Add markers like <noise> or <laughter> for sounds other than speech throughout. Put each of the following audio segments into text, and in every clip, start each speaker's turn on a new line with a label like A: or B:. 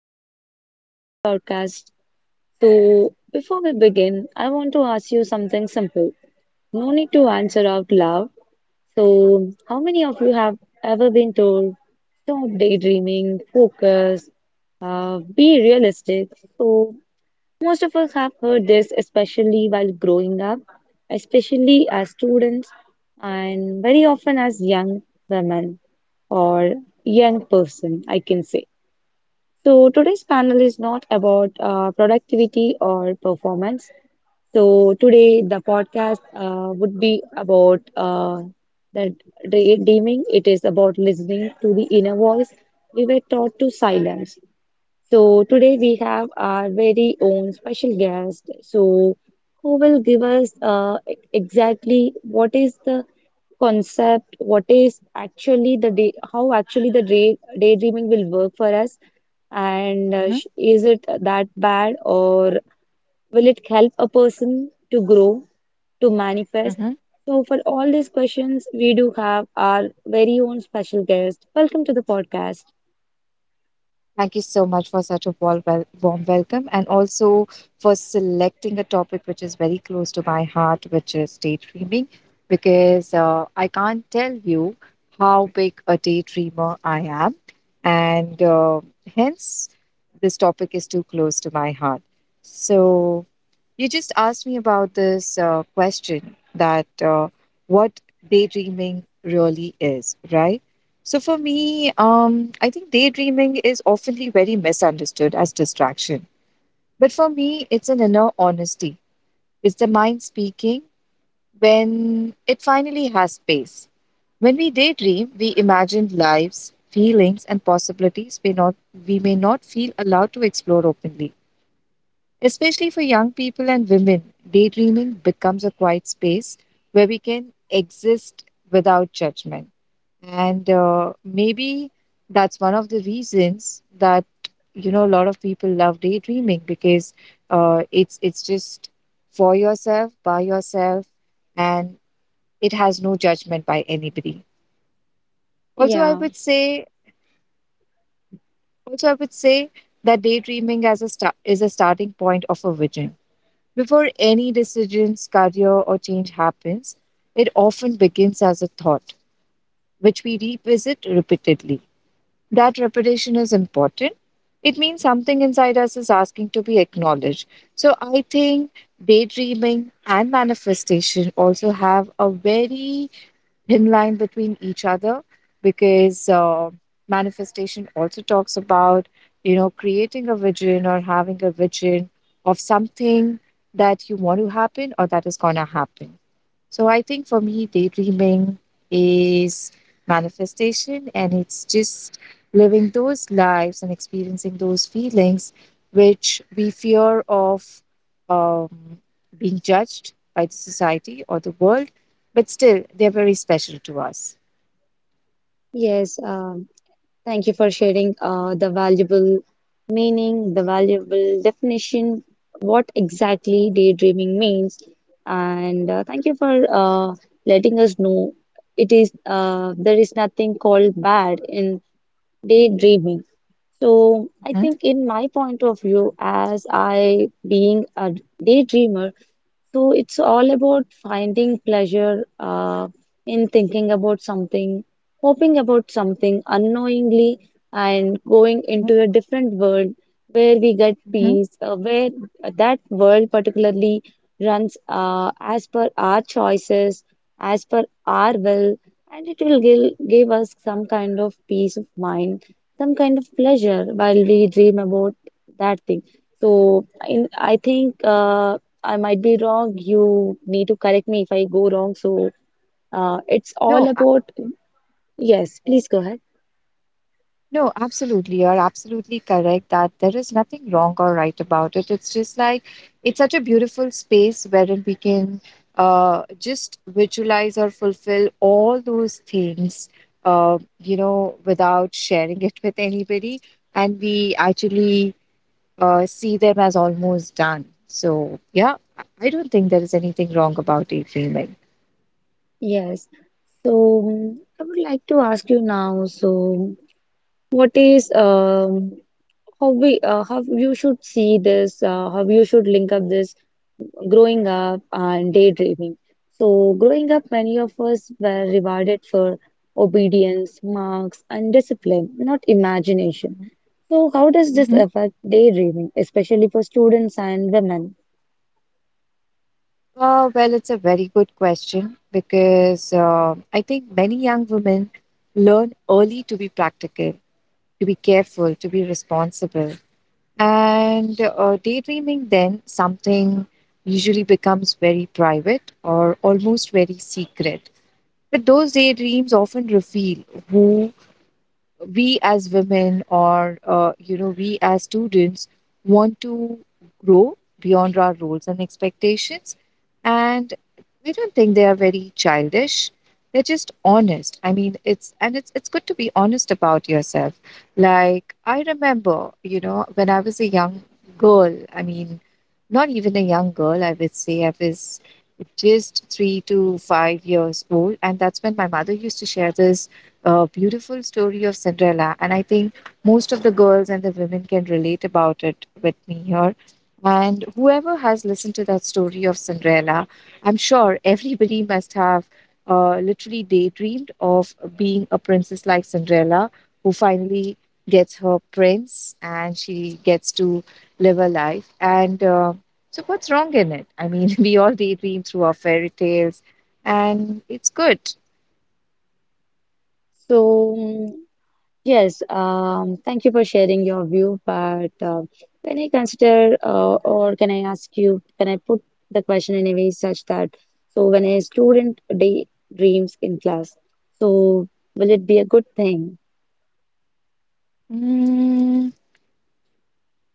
A: everyone, welcome to the podcast. So, before we begin, I want to ask you something simple. No need to answer out loud. So, how many of you have ever been told, stop daydreaming, focus, be realistic? So, most of us have heard this, especially while growing up, especially as students, and very often as young women or young person, I can say. So today's panel is not about productivity or performance. So today the podcast would be about that daydreaming. It is about listening to the inner voice we were taught to silence. So today we have our very own special guest. So who will give us exactly what is the concept, what is actually the day, how actually the day, daydreaming will work for us, and
B: Mhm,
A: is it that bad or will it help a person to grow, to manifest?
B: mhm.
A: So for all these questions, we do have our very own special guest. Welcome to the podcast.
B: Thank you so much for such a warm, warm welcome, and also for selecting a topic which is very close to my heart, which is daydreaming, because I can't tell you how big a daydreamer I am. And hence, this topic is too close to my heart. So, you just asked me about this question that what daydreaming really is, right? So for me, I think daydreaming is oftenly very misunderstood as distraction. But for me, it's an inner honesty. It's the mind speaking when it finally has space. When we daydream, we imagine lives, feelings, and possibilities we not we may not feel allowed to explore openly. Especially for young people and women, daydreaming becomes a quiet space where we can exist without judgment. And maybe that's one of the reasons that you know a lot of people love daydreaming because it's just for yourself, by yourself, and it has no judgment by anybody. Also, I
A: Yeah.
B: would say, also I would say, that daydreaming as a start is a starting point of a vision. Before any decisions, career, or change happens, it often begins as a thought, which we revisit repeatedly. That repetition is important. It means something inside us is asking to be acknowledged. So I think daydreaming and manifestation also have a very thin line between each other, because manifestation also talks about, you know, creating a vision or having a vision of something that you want to happen or that is going to happen. So I think for me, daydreaming is manifestation, and it's just living those lives and experiencing those feelings which we fear of, um, being judged by the society or the world, but still they're very special to us.
A: Yes. Thank you for sharing the valuable meaning, the valuable definition, what exactly daydreaming means. And thank you for letting us know it is there is nothing called bad in daydreaming. So I
B: Mhm,
A: think in my point of view, as I being a daydreamer, so it's all about finding pleasure in thinking about something, hoping about something unknowingly, and going
B: mhm,
A: into a different world where we get
B: mhm.
A: peace, where that world particularly runs as per our choices, as per our will, and it will give us some kind of peace of mind, some kind of pleasure while we dream about that thing. So in, I think. I might be wrong. You need to correct me if I go wrong. So it's all
B: No, a-
A: about, yes, please go ahead.
B: no, absolutely. You're absolutely correct that there is nothing wrong or right about it. It's just like it's such a beautiful space wherein we can just visualize or fulfill all those things, you know, without sharing it with anybody. And we actually see them as almost done. So, yeah, I don't think there is anything wrong about daydreaming.
A: Yes. So I would like to ask you now. So what is how we how you should see this? How you should link up this growing up and daydreaming? So growing up, many of us were rewarded for obedience, marks, and discipline, not imagination. So, how does this
B: Mm-hmm.
A: affect daydreaming, especially for students and women?
B: Well, it's a very good question, because I think many young women learn early to be practical, to be careful, to be responsible. And daydreaming then, something usually becomes very private or almost very secret. But those daydreams often reveal who we as women, or you know, we as students, want to grow beyond our roles and expectations. And I don't think they are very childish. They're just honest. I mean, it's, and it's good to be honest about yourself. Like, I remember, you know, when I was a young girl, I mean, not even a young girl, I would say I was just 3 to 5 years old, and that's when my mother used to share this a beautiful story of Cinderella. And I think most of the girls and the women can relate about it with me here. And whoever has listened to that story of Cinderella, I'm sure everybody must have literally daydreamed of being a princess like Cinderella, who finally gets her prince and she gets to live her life. And so, what's wrong in it? I mean, <laughs> we all daydream through our fairy tales, and it's good.
A: So, yes, thank you for sharing your view. But can I consider, or can I ask you, can I put the question in a way such that so when a student daydreams in class, so will it be a good thing?
B: Mm,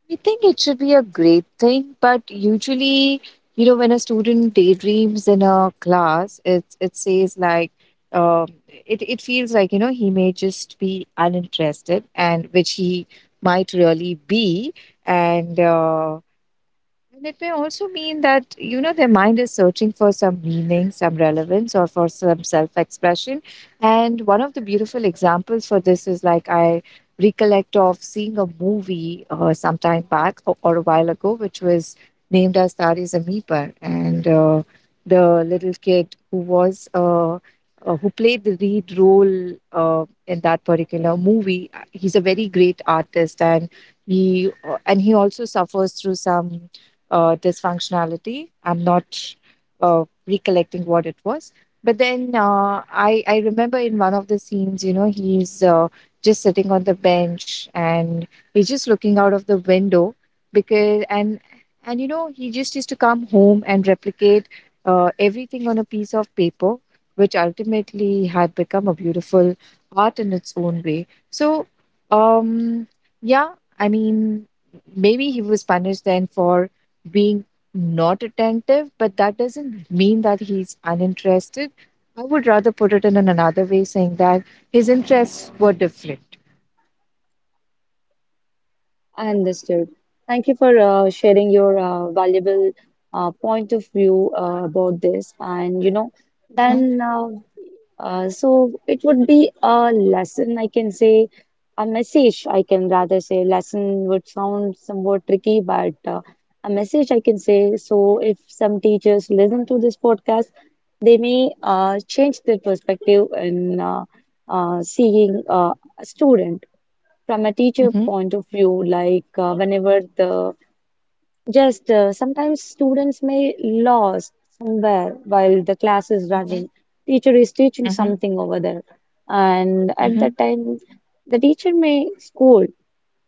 B: I think it should be a great thing, but usually, you know, when a student daydreams in a class, it says like, it feels like, you know, he may just be uninterested, and which he might really be, and uh, and it may also mean that, you know, their mind is searching for some meaning, some relevance, or for some self expression. And one of the beautiful examples for this is like, I recollect of seeing a movie some time back, or a while ago, which was named as Tari Zameen Par. And the little kid who was, who played the lead role in that particular movie, he's a very great artist, and he also suffers through some dysfunctionality. I'm not recollecting what it was. But then I remember in one of the scenes, you know, he's just sitting on the bench, and he's just looking out of the window because, and you know, he just used to come home and replicate everything on a piece of paper, which ultimately had become a beautiful art in its own way. So, um, yeah, I mean, maybe he was punished then for being not attentive, but that doesn't mean that he's uninterested. I would rather put it in another way, saying that his interests were different.
A: Understood. Thank you for sharing your valuable point of view about this. And you know,
B: Mhm,
A: then so it would be a lesson, I can say, a message, I can rather say. Lesson would sound somewhat tricky, but a message, I can say. So if some teachers listen to this podcast, they may change their perspective in seeing a student from a teacher
B: mhm,
A: point of view, like whenever the just sometimes students may lost somewhere while the class is running.
B: mhm,
A: Teacher is teaching
B: mhm,
A: something over there, and at that
B: mhm,
A: time, the teacher may scold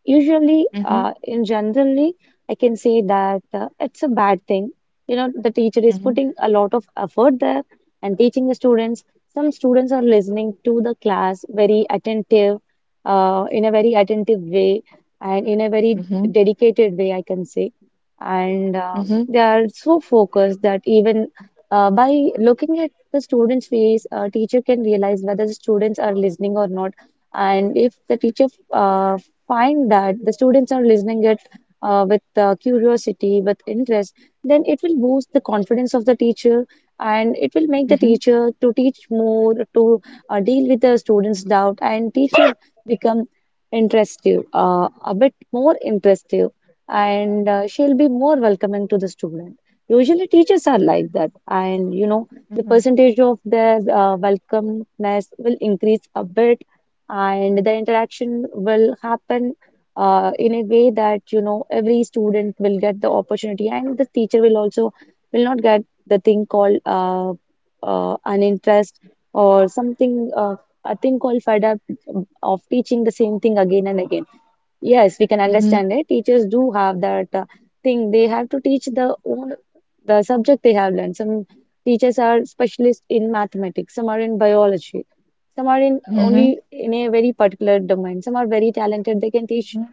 A: usually
B: mhm,
A: in generally. I can say that it's a bad thing. You know, the teacher is
B: mhm,
A: putting a lot of effort there and teaching the students. Some students are listening to the class very attentive, in a very attentive way, and in a very
B: mhm,
A: dedicated way, I can say. And
B: mhm,
A: they are so focused that even by looking at the students face, a teacher can realize whether the students are listening or not. And if the teacher uh, find that the students are listening it, with curiosity, with interest, then it will boost the confidence of the teacher, and it will make the
B: mhm,
A: teacher to teach more, to deal with the students' doubt, and teacher become interested, a bit more interested, and she'll be more welcoming to the student. Usually, teachers are like that, and you know the
B: mhm,
A: percentage of their welcomeness will increase a bit, and the interaction will happen in a way that you know every student will get the opportunity, and the teacher will also will not get the thing called an interest or something, a thing called fed up of teaching the same thing again and again. Yes, we can
B: mhm,
A: understand it. Teachers do have that thing. They have to teach the own the subject they have learned. Some teachers are specialists in mathematics, some are in biology, some are in
B: mhm,
A: only in a very particular domain. Some are very talented. They can teach
B: mhm,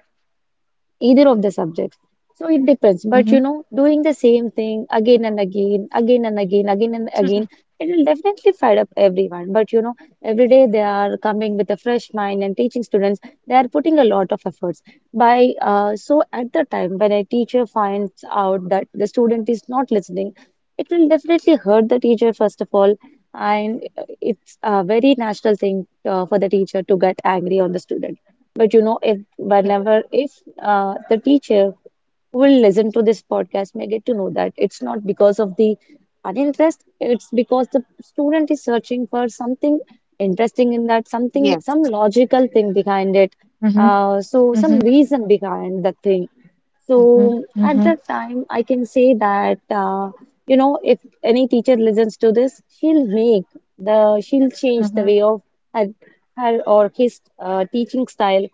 A: either of the subjects. So it depends. But you
B: mhm.
A: know, doing the same thing again and again, again and again, again and again, it will definitely fed up everyone. But you know, every day they are coming with a fresh mind and teaching students, they are putting a lot of efforts. By so at the time when a teacher finds out that the student is not listening, it will definitely hurt the teacher first of all. And it's a very natural thing for the teacher to get angry on the student. But you know, whenever if the teacher who will listen to this podcast may get to know that it's not because of the uninterest, it's because the student is searching for something interesting in that, something
B: Yes.
A: some logical thing behind it,
B: Mhm,
A: so some
B: mhm,
A: reason behind the thing. So
B: mhm,
A: at
B: mhm,
A: that time I can say that you know if any teacher listens to this, she'll make the she'll change the
B: mhm,
A: way of her, her or his teaching style,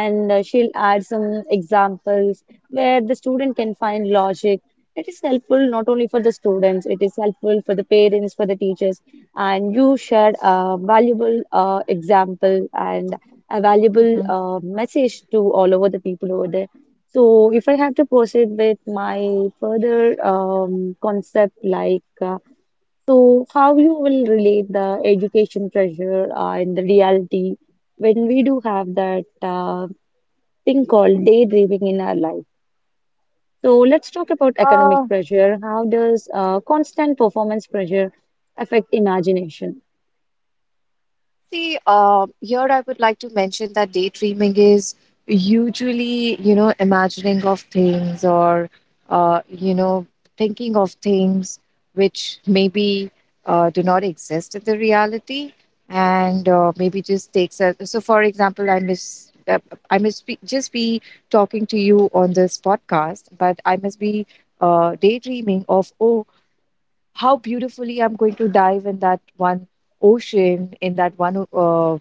A: and she'll add some examples where the student can find logic. It is helpful not only for the students, it is helpful for the parents, for the teachers, and you shared a valuable example and a valuable
B: mhm.
A: message to all over the people over there. So, if I have to proceed with my further concept, like so, how you will relate the education pressure and the reality when we do have that. Thing called daydreaming in our life. So let's talk about economic
B: Uh,
A: pressure. How does constant performance pressure affect imagination?
B: See, here I would like to mention that daydreaming is usually, you know, imagining of things, or, you know, thinking of things which maybe do not exist in the reality, and maybe just takes us. So, for example, I miss. I must be, just be talking to you on this podcast, but I must be daydreaming of, oh, how beautifully I'm going to dive in that one ocean, in that one,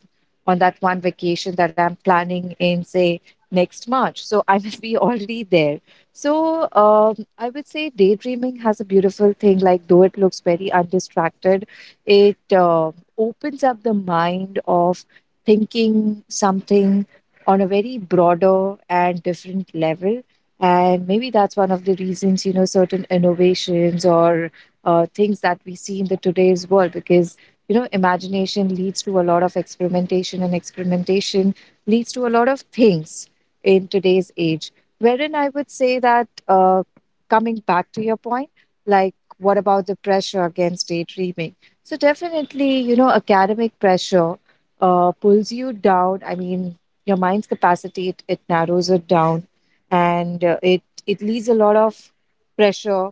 B: on that one vacation that I'm planning in, say, next March. So I must be <laughs> already there. So I would say daydreaming has a beautiful thing. Like, though it looks very undistracted, it opens up the mind of thinking something on a very broader and different level. And maybe that's one of the reasons, you know, certain innovations or things that we see in the today's world, because you know imagination leads to a lot of experimentation, and experimentation leads to a lot of things in today's age, wherein I would say that, coming back to your point, like what about the pressure against daydreaming? So definitely, you know, academic pressure pulls you down. I mean, your mind's capacity, it narrows it down, and it leaves a lot of pressure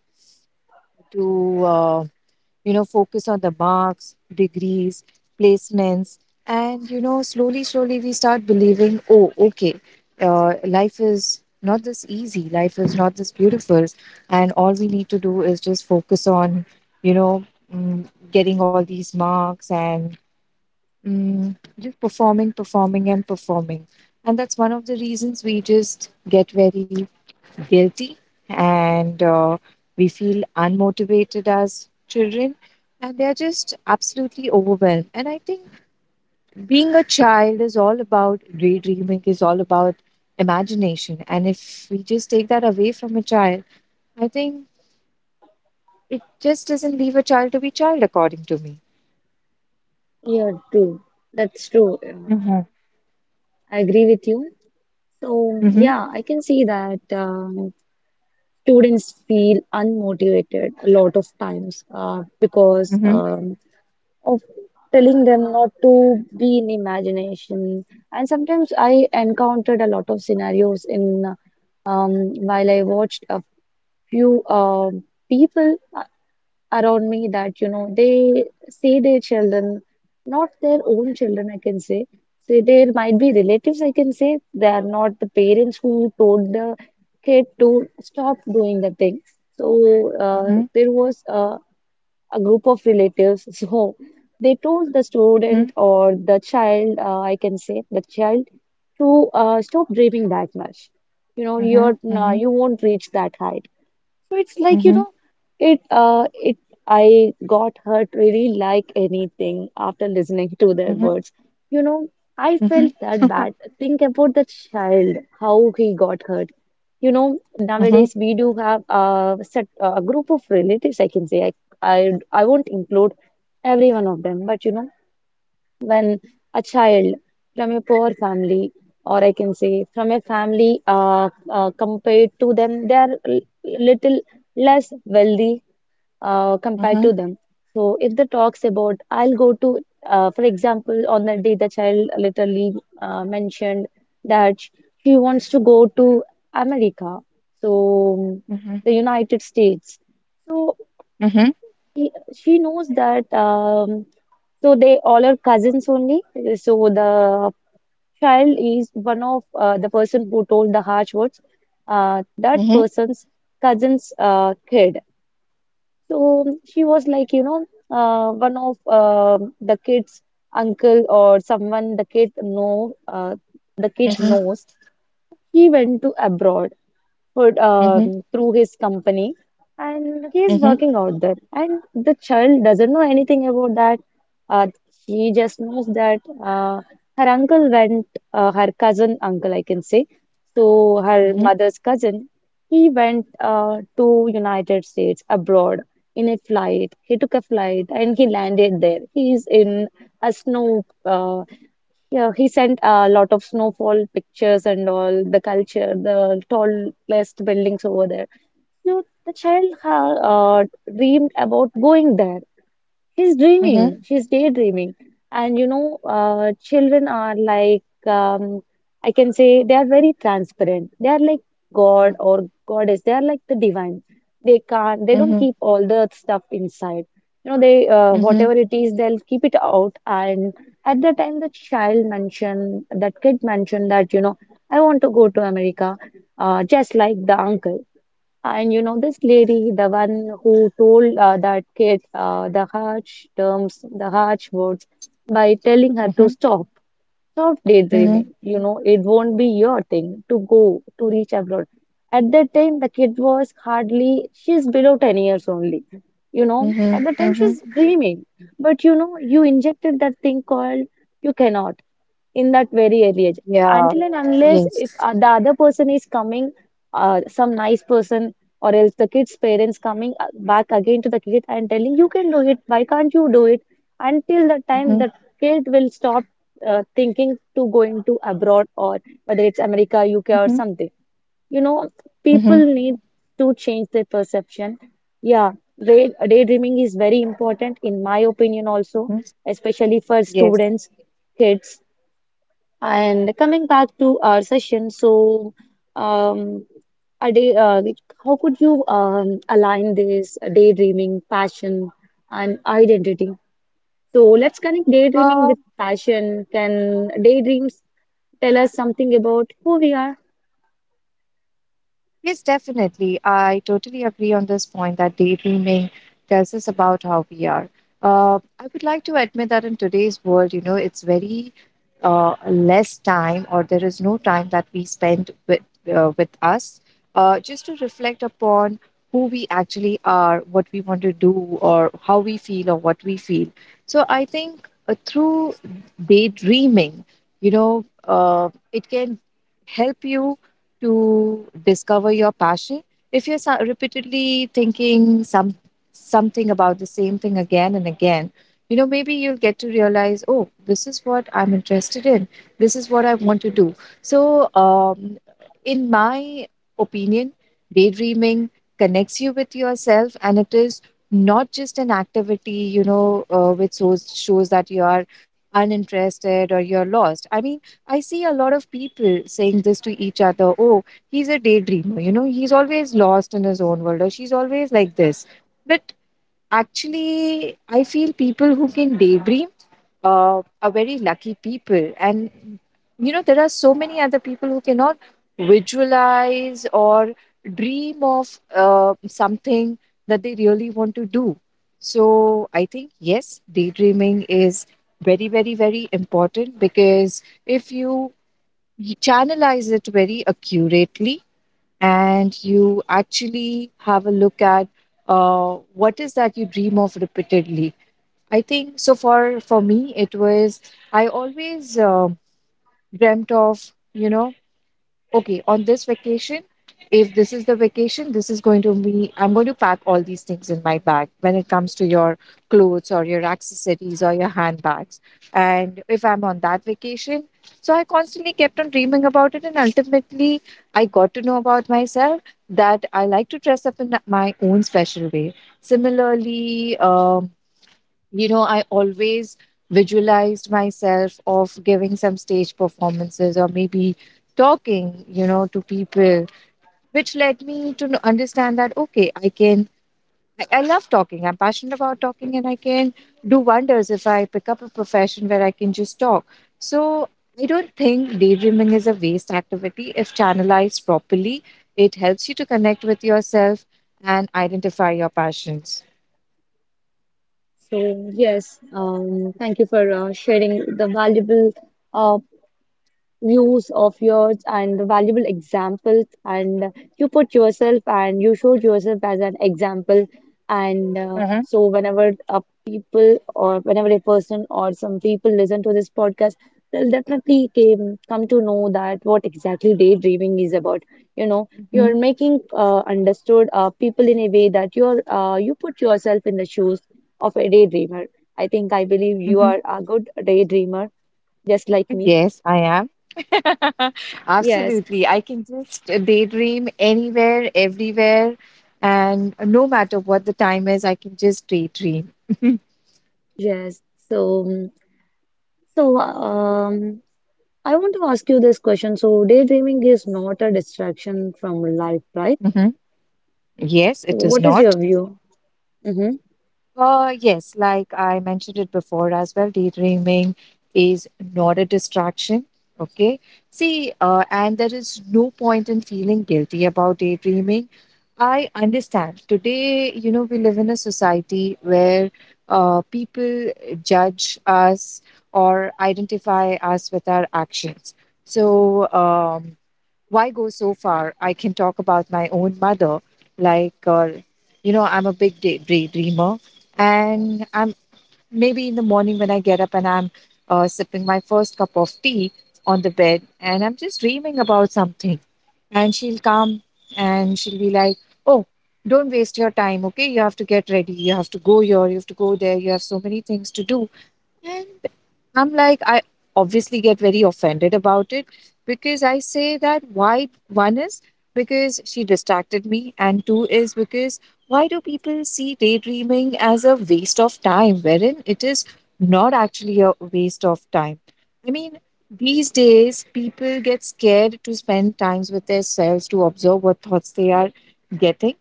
B: to you know focus on the marks, degrees, placements. And you know, slowly slowly we start believing, oh okay, life is not this easy, life is not this beautiful, and all we need to do is just focus on, you know, mm, getting all these marks, and just performing, performing, and performing. And that's one of the reasons we just get very guilty, and we feel unmotivated as children. And they're just absolutely overwhelmed. And I think being a child is all about daydreaming, is all about imagination. And if we just take that away from a child, I think it just doesn't leave a child to be child, according to me.
A: Yeah, true. That's true.
B: Mm-hmm.
A: I agree with you. So
B: Mm-hmm.
A: yeah, I can see that students feel unmotivated a lot of times because
B: Mm-hmm.
A: of telling them not to be in imagination. And sometimes I encountered a lot of scenarios in while I watched a few people around me that you know they see their children, not their own children, I can say. So there might be relatives, I can say. They are not the parents who told the kid to stop doing the thing. So
B: Mm-hmm.
A: there was a group of relatives. <laughs> So they told the student or the child, I can say, the child to stop dreaming that much. You know,
B: Mm-hmm.
A: you're
B: Mm-hmm.
A: you won't reach that height, so it's like, you
B: Mhm,
A: know, it I got hurt really like anything after listening to their
B: mhm,
A: words. You know, I
B: mhm,
A: felt that bad. Think about the child, how he got hurt. You know,
B: mhm,
A: nowadays we do have a set a group of relatives, I can say. I won't include every one of them, but you know when a child from a poor family, or I can say from a family compared to them, they are little less wealthy compared
B: mhm,
A: to them. So if the talks about, I'll go to, for example, on the day the child literally mentioned that she wants to go to America, so
B: mhm, mhm,
A: the United States. So
B: mhm,
A: she knows that so they all are cousins only. So the child is one of the person who told the harsh words. That
B: mhm,
A: person's cousin's kid. So she was like, you know, one of the kid's uncle or someone the kid know the kid
B: mhm,
A: knows. He went to abroad for
B: mhm,
A: through his company, and he is working out there. And the child doesn't know anything about that. Uh, he just knows that her uncle went, her cousin uncle, I can say, so
B: mhm,
A: her
B: mhm,
A: mother's cousin. He went to United States abroad in a flight. He took a flight and he landed there. He is in a snow. Yeah, he sent a lot of snowfall pictures and all the culture, the tallest buildings over there. So the child ha uh, dreamed about going there. She's
B: mhm,
A: dreaming, she's daydreaming. And you know, children are like, I can say they are very transparent. They are like God or goddess, they are like the divine. They can't, they don't
B: mhm,
A: keep all the stuff inside. You know, they,
B: mhm,
A: whatever it is, they'll keep it out. And at the time, the child mentioned, that kid mentioned that, you know, I want to go to America, just like the uncle. And you know, this lady, the one who told that kid the harsh terms, the harsh words by telling her to
B: mhm,
A: stop. Stop
B: mhm,
A: daydreaming. You know, it won't be your thing to go to reach abroad. At that time, the kid was hardly, she's below 10 years only. You know, at
B: mhm,
A: that time,
B: mhm.
A: she's dreaming. But you know, you injected that thing called you cannot in that very early age.
B: Yeah.
A: Until and unless if
B: Yes.
A: the other person is coming, some nice person, or else the kid's parents coming back again to the kid and telling, you can do it, why can't you do it? Until the time
B: Mhm,
A: the kid will stop thinking to going to abroad or whether it's America, UK or
B: mhm,
A: something. You know, people
B: mhm,
A: need to change their perception. Yeah, daydreaming is very important in my opinion also,
B: mhm.
A: especially for
B: Yes.
A: students, kids. And coming back to our session, so um, a like, how could you align this daydreaming, passion, and identity? So let's connect daydreaming
B: Uh.
A: with passion. Can daydreams tell us something about who we are?
B: Yes, definitely. I totally agree on this point that daydreaming tells us about how we are. I would like to admit that in today's world, you know, it's very less time, or there is no time that we spend with us, just to reflect upon who we actually are, what we want to do, or how we feel, or what we feel. So I think through daydreaming, you know, it can help you to discover your passion. If you're repeatedly thinking something about the same thing again and again, you know, maybe you'll get to realize, oh, this is what I'm interested in. This is what I want to do. So, in my opinion, daydreaming connects you with yourself, and it is not just an activity, you know, which shows that you are uninterested or you're lost. I mean, I see a lot of people saying this to each other. Oh, he's a daydreamer. You know, he's always lost in his own world, or she's always like this. But actually, I feel people who can daydream are very lucky people. And, you know, there are so many other people who cannot visualize or dream of something that they really want to do. So I think, yes, daydreaming is very, very, very important, because if you channelize it very accurately, and you actually have a look at what is that you dream of repeatedly. I think so, for me it was, I always dreamt of, you know, okay, on this vacation, if this is the vacation, this is going to be, I'm going to pack all these things in my bag when it comes to your clothes or your accessories or your handbags. And if I'm on that vacation, so I constantly kept on dreaming about it. And ultimately, I got to know about myself that I like to dress up in my own special way. Similarly, I always visualized myself of giving some stage performances or maybe talking to people, which led me to understand that okay, I can I love talking. I'm passionate about talking and I can do wonders if I pick up a profession where I can just talk. So I don't think daydreaming is a waste activity if channelized properly. It helps you to connect with yourself and identify your passions.
A: So yes, thank you for sharing the valuable uh, views of yours and valuable examples, and you put yourself and you showed yourself as an example. And
B: Mm-hmm.
A: so whenever a people, or whenever a person or some people listen to this podcast, they'll definitely come to know that what exactly daydreaming is about. You know, you're
B: Mhm,
A: making understood people in a way that you're you put yourself in the shoes of a daydreamer. I think I believe you
B: mhm.
A: are a good daydreamer, just like me.
B: Yes, I am. <laughs>
A: Yes.
B: Absolutely. I can just daydream anywhere, everywhere, and no matter what the time is, I can just daydream. <laughs>
A: Yes. So, so um, I want to ask you this question. So, daydreaming is not a distraction from life, right?
B: Mhm. Yes,
A: So,
B: it is
A: what is your
B: not.
A: view? Hmm.
B: Yes, like I mentioned it before as well, daydreaming is not a distraction. Okay. See, and there is no point in feeling guilty about daydreaming. I understand. Today, you know, we live in a society where people judge us or identify us with our actions. So, why go so far? I can talk about my own mother. Like, uh, you know, I'm a big daydreamer. And I'm maybe in the morning when I get up and I'm sipping my first cup of tea on the bed and I'm just dreaming about something. And she'll come and she'll be like, oh, don't waste your time, okay? You have to get ready. You have to go here. You have to go there. You have so many things to do. I'm like, I obviously get very offended about it because I say that why one is because she distracted me, and two is because why do people see daydreaming as a waste of time, wherein it is not actually a waste of time? I mean, these days people get scared to spend times with themselves to observe what thoughts they are getting,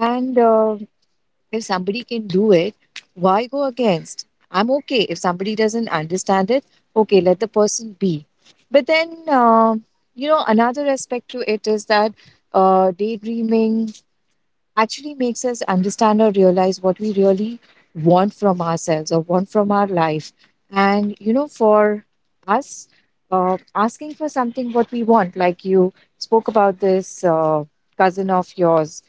B: and if somebody can do it, why go against? I'm okay. If somebody doesn't understand it, okay, let the person be. But then, you know, another aspect to it is that daydreaming actually makes us understand or realize what we really want from ourselves or want from our life. And, you know, for us, asking for something what we want, like you spoke about this cousin of yours,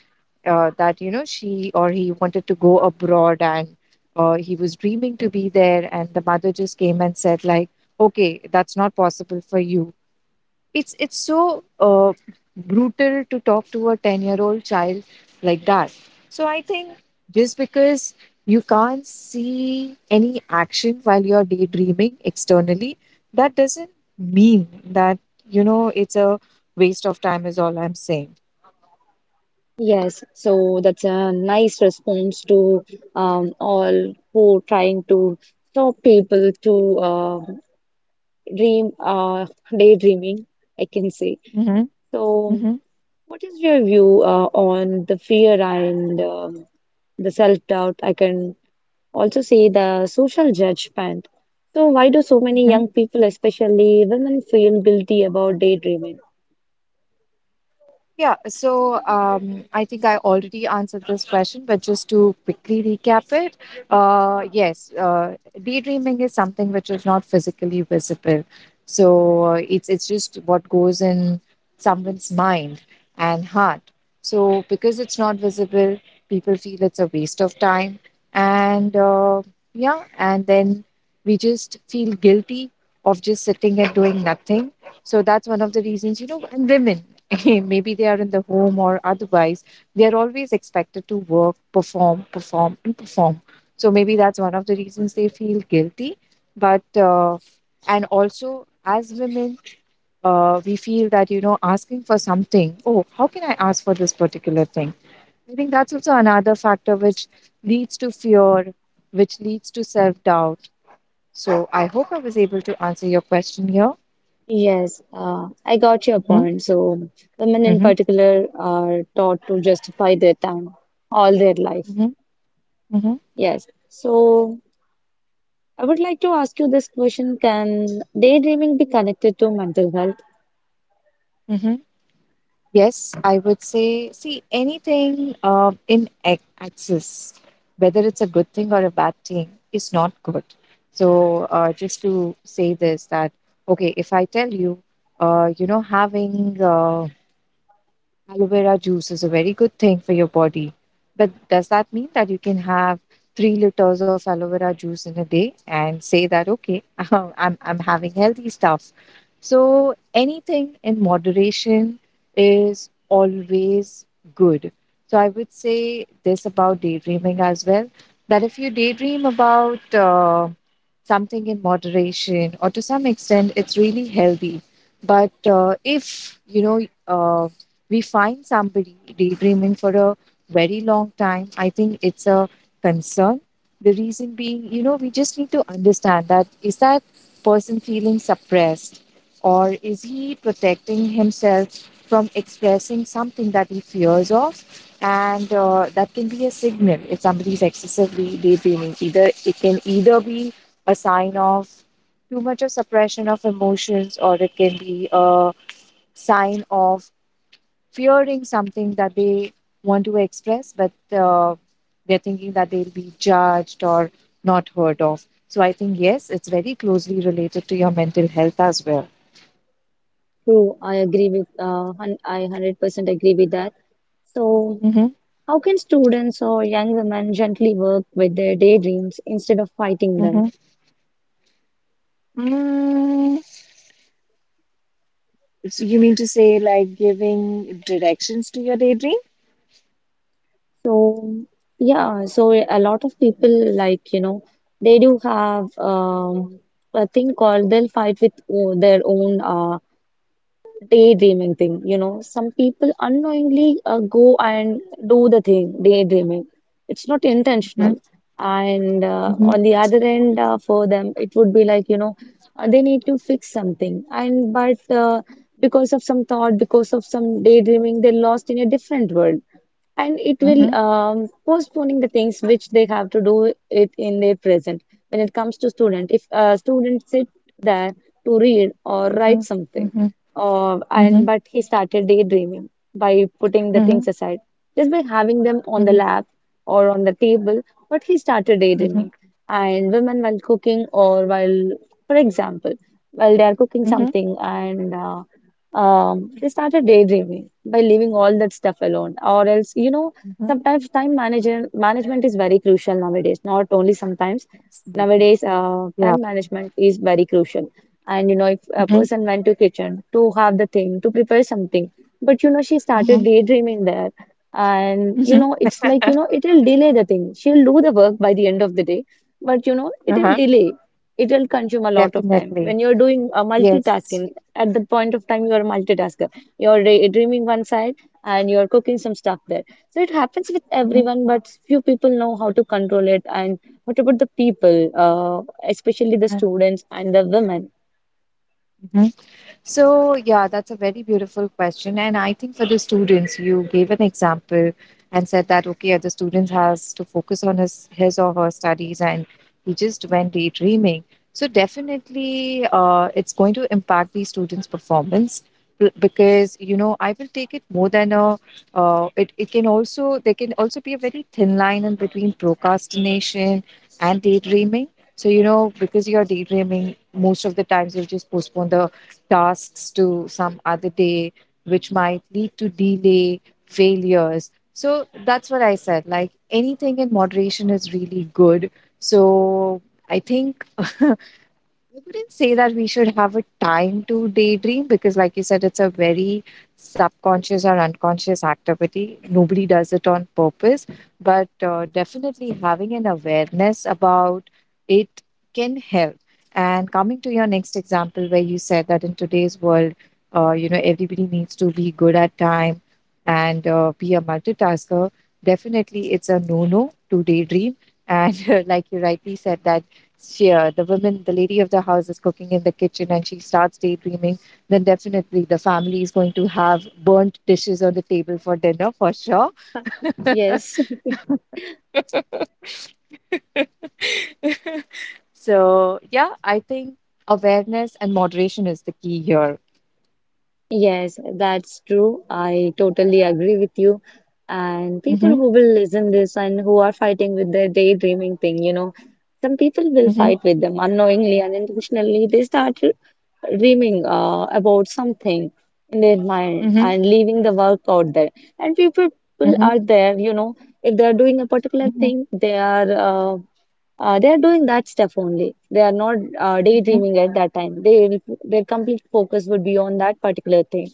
B: that, you know, she or he wanted to go abroad and he was dreaming to be there. And the mother just came and said, like, okay, that's not possible for you. It's so brutal to talk to a 10-year-old child like that. So I think just because you can't see any action while you're daydreaming externally, that doesn't mean that, you know, it's a waste of time is all I'm saying.
A: Yes. So that's a nice response to all who trying to stop people to dream, daydreaming, I can say.
B: Mm-hmm.
A: So,
B: Mm-hmm.
A: what is your view on the fear and the self-doubt? I can also see the social judgment. So, why do so many young people, especially women, feel guilty about daydreaming?
B: Yeah, so I think I already answered this question, but just to quickly recap it, yes, daydreaming is something which is not physically visible. So it's just what goes in someone's mind and heart. So because it's not visible, people feel it's a waste of time, and yeah, and then we just feel guilty of just sitting and doing nothing. So that's one of the reasons, you know, and women. <laughs> Maybe they are in the home or otherwise, they are always expected to work, perform, perform, and perform. So maybe that's one of the reasons they feel guilty. But, and also as women, we feel that, you know, asking for something, oh, how can I ask for this particular thing? I think that's also another factor which leads to fear, which leads to self doubt. So I hope I was able to answer your question here.
A: Yes, I got your
B: Mm-hmm,
A: point. So, women in
B: mm-hmm,
A: particular are taught to justify their time all their life.
B: mm-hmm, mm-hmm,
A: Yes. So, I would like to ask you this question: Can daydreaming be connected to mental health?
B: mm-hmm. Yes, I would say, see, anything in access, whether it's a good thing or a bad thing, is not good. So, just to say this, that, okay, if I tell you, you know, having Aloe vera juice is a very good thing for your body. But does that mean that you can have 3 liters of aloe vera juice in a day and say that, okay, <laughs> I'm having healthy stuff? So anything in moderation is always good. So I would say this about daydreaming as well that if you daydream about something in moderation or to some extent, it's really healthy. But if, you know, we find somebody daydreaming for a very long time, I think it's a concern. The reason being, you know, we just need to understand that is that person feeling suppressed or is he protecting himself from expressing something that he fears of? And that can be a signal if somebody is excessively daydreaming. Either it can either be a sign of too much of suppression of emotions or it can be a sign of fearing something that they want to express, but uh, they're thinking that they'll be judged or not heard of. So I think, yes, it's very closely related to your mental health as well.
A: True, I agree with. I 100% agree with that. So,
B: Mm-hmm.
A: how can students or young women gently work with their daydreams instead of fighting
B: Mm-hmm.
A: them?
B: Mm, so you mean to say like giving directions to your daydream?
A: So, yeah, so a lot of people, like, you know, they do have a thing called they'll fight with their own daydreaming thing. You know, some people unknowingly go and do the thing, daydreaming. It's not
B: Mm-hmm.
A: intentional. And
B: Mm-hmm.
A: on the other end, for them, it would be like, you know, they need to fix something. And but because of some thought, because of some daydreaming, they're lost in a different world, and it will postponing the things which they have to do it in their present. When it comes to student, if a student sit there to read or
B: Mm-hmm.
A: write
B: Mm-hmm.
A: something,
B: Mm-hmm.
A: and but he started daydreaming by putting the
B: Mm-hmm.
A: things aside, just by having them on the
B: Mm-hmm.
A: lap or on the table, but he started
B: Mm-hmm.
A: daydreaming. And women while cooking, or while, for example, while they are cooking
B: Mm-hmm.
A: something and they started daydreaming by leaving all that stuff alone, or else, you know,
B: Mm-hmm.
A: sometimes time manager management is very crucial nowadays. Not only sometimes,
B: Absolutely.
A: nowadays,
B: Yeah.
A: time management is very crucial. And you know, if a
B: Mm-hmm.
A: person went to kitchen to have the thing to prepare something, but you know, she
B: Mm-hmm.
A: started daydreaming there, and you know,
B: Mm-hmm.
A: it's like you know, it'll delay the thing. She'll do the work by the end of the day, but you know, it'll
B: Uh-huh.
A: delay. It will consume a lot of time.
B: Definitely.
A: When you're doing a
B: Yes.
A: multitasking, at that point of time you are a multitasker, you're dreaming one side and you're cooking some stuff there. So it happens with
B: Mm-hmm.
A: everyone, but few people know how to control it. And what about the people, uh, especially the students and the women?
B: Mhm. So, yeah, that's a very beautiful question. And I think for the students, you gave an example and said that, okay, the student has to focus on his or her studies and he just went daydreaming. So, definitely, it's going to impact the student's performance because, you know, I will take it more than it can also, there can also be a very thin line in between procrastination and daydreaming. So, you know, because you're daydreaming, most of the times you'll just postpone the tasks to some other day, which might lead to delay, failures. So that's what I said. Like anything in moderation is really good. So I think <laughs> I wouldn't say that we should have a time to daydream because, like you said, it's a very subconscious or unconscious activity. Nobody does it on purpose, but definitely having an awareness about it can help. And coming to your next example, where you said that in today's world, you know, everybody needs to be good at time and be a multitasker, definitely it's a no no to daydream. And <laughs> like you rightly said, that sheer. The woman, the lady of the house, is cooking in the kitchen and she starts daydreaming, then definitely the family is going to have burnt dishes on the table for dinner for sure.
A: Yes. <laughs>
B: <laughs> So, yeah, I think awareness and moderation is the key here.
A: Yes, that's true. I totally agree with you. And people
B: Mm-hmm.
A: who will listen this and who are fighting with their daydreaming thing, you know, some people will
B: Mm-hmm.
A: fight with them unknowingly, unintentionally. They start dreaming about something in their mind
B: Mm-hmm.
A: and leaving the work out there. And few people
B: Mm-hmm.
A: are there, you know, if they are doing a particular
B: Mm-hmm.
A: thing, they are doing that stuff only. They are not
B: Mm-hmm.
A: daydreaming at that time. They their complete focus would be on that particular thing.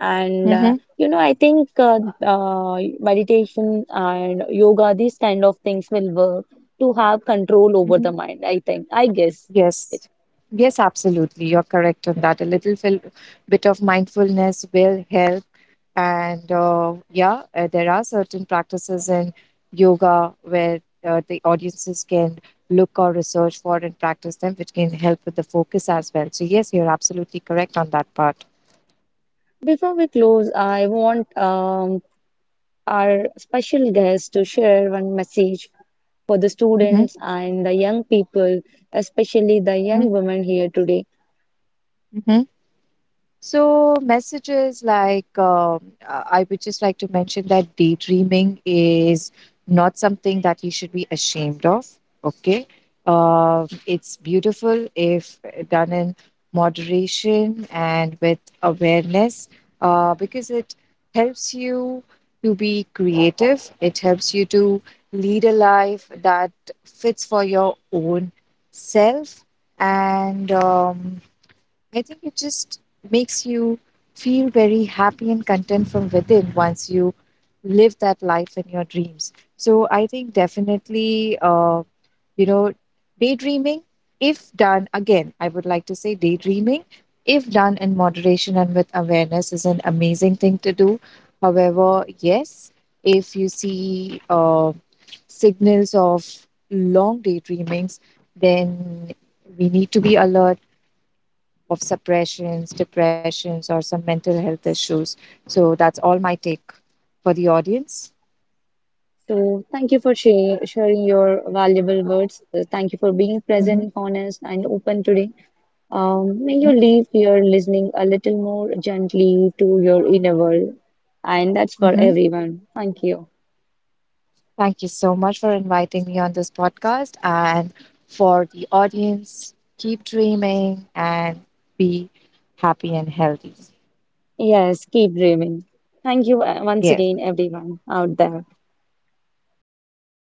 A: And
B: Mm-hmm.
A: you know, I think meditation and yoga, these kind of things will work to have control over
B: Mm-hmm.
A: the mind. I think, I guess.
B: Yes. Yes, absolutely. You're correct on that. A little bit of mindfulness will help. And yeah, there are certain practices in yoga where the audiences can look or research for and practice them, which can help with the focus as well. So, yes, you're absolutely correct on that part.
A: Before we close, I want our special guest to share one message for the
B: Mm-hmm,
A: students and the young people, especially the
B: mm-hmm,
A: young women here today.
B: mm-hmm. So messages like I would just like to mention that daydreaming is not something that you should be ashamed of. Okay, it's beautiful if done in moderation and with awareness, because it helps you to be creative. It helps you to lead a life that fits for your own self and. I think it just makes you feel very happy and content from within once you live that life in your dreams. So I think definitely, you know, daydreaming, if done again, I would like to say daydreaming, if done in moderation and with awareness, is an amazing thing to do. However, yes, if you see signals of long daydreamings, then we need to be alert of suppressions, depressions, or some mental health issues. So that's all my take for the audience.
A: So, thank you for share, sharing your valuable words. Thank you for being
B: Mm-hmm,
A: present, honest, and open today. May
B: mm-hmm,
A: you leave here listening a little more gently to your inner world. And that's for
B: mm-hmm.
A: everyone. Thank you.
B: Thank you so much for inviting me on this podcast. And for the audience, keep dreaming and be happy and healthy.
A: Yes, keep dreaming. Thank you once
B: Yes,
A: again, everyone out there.
B: thank you.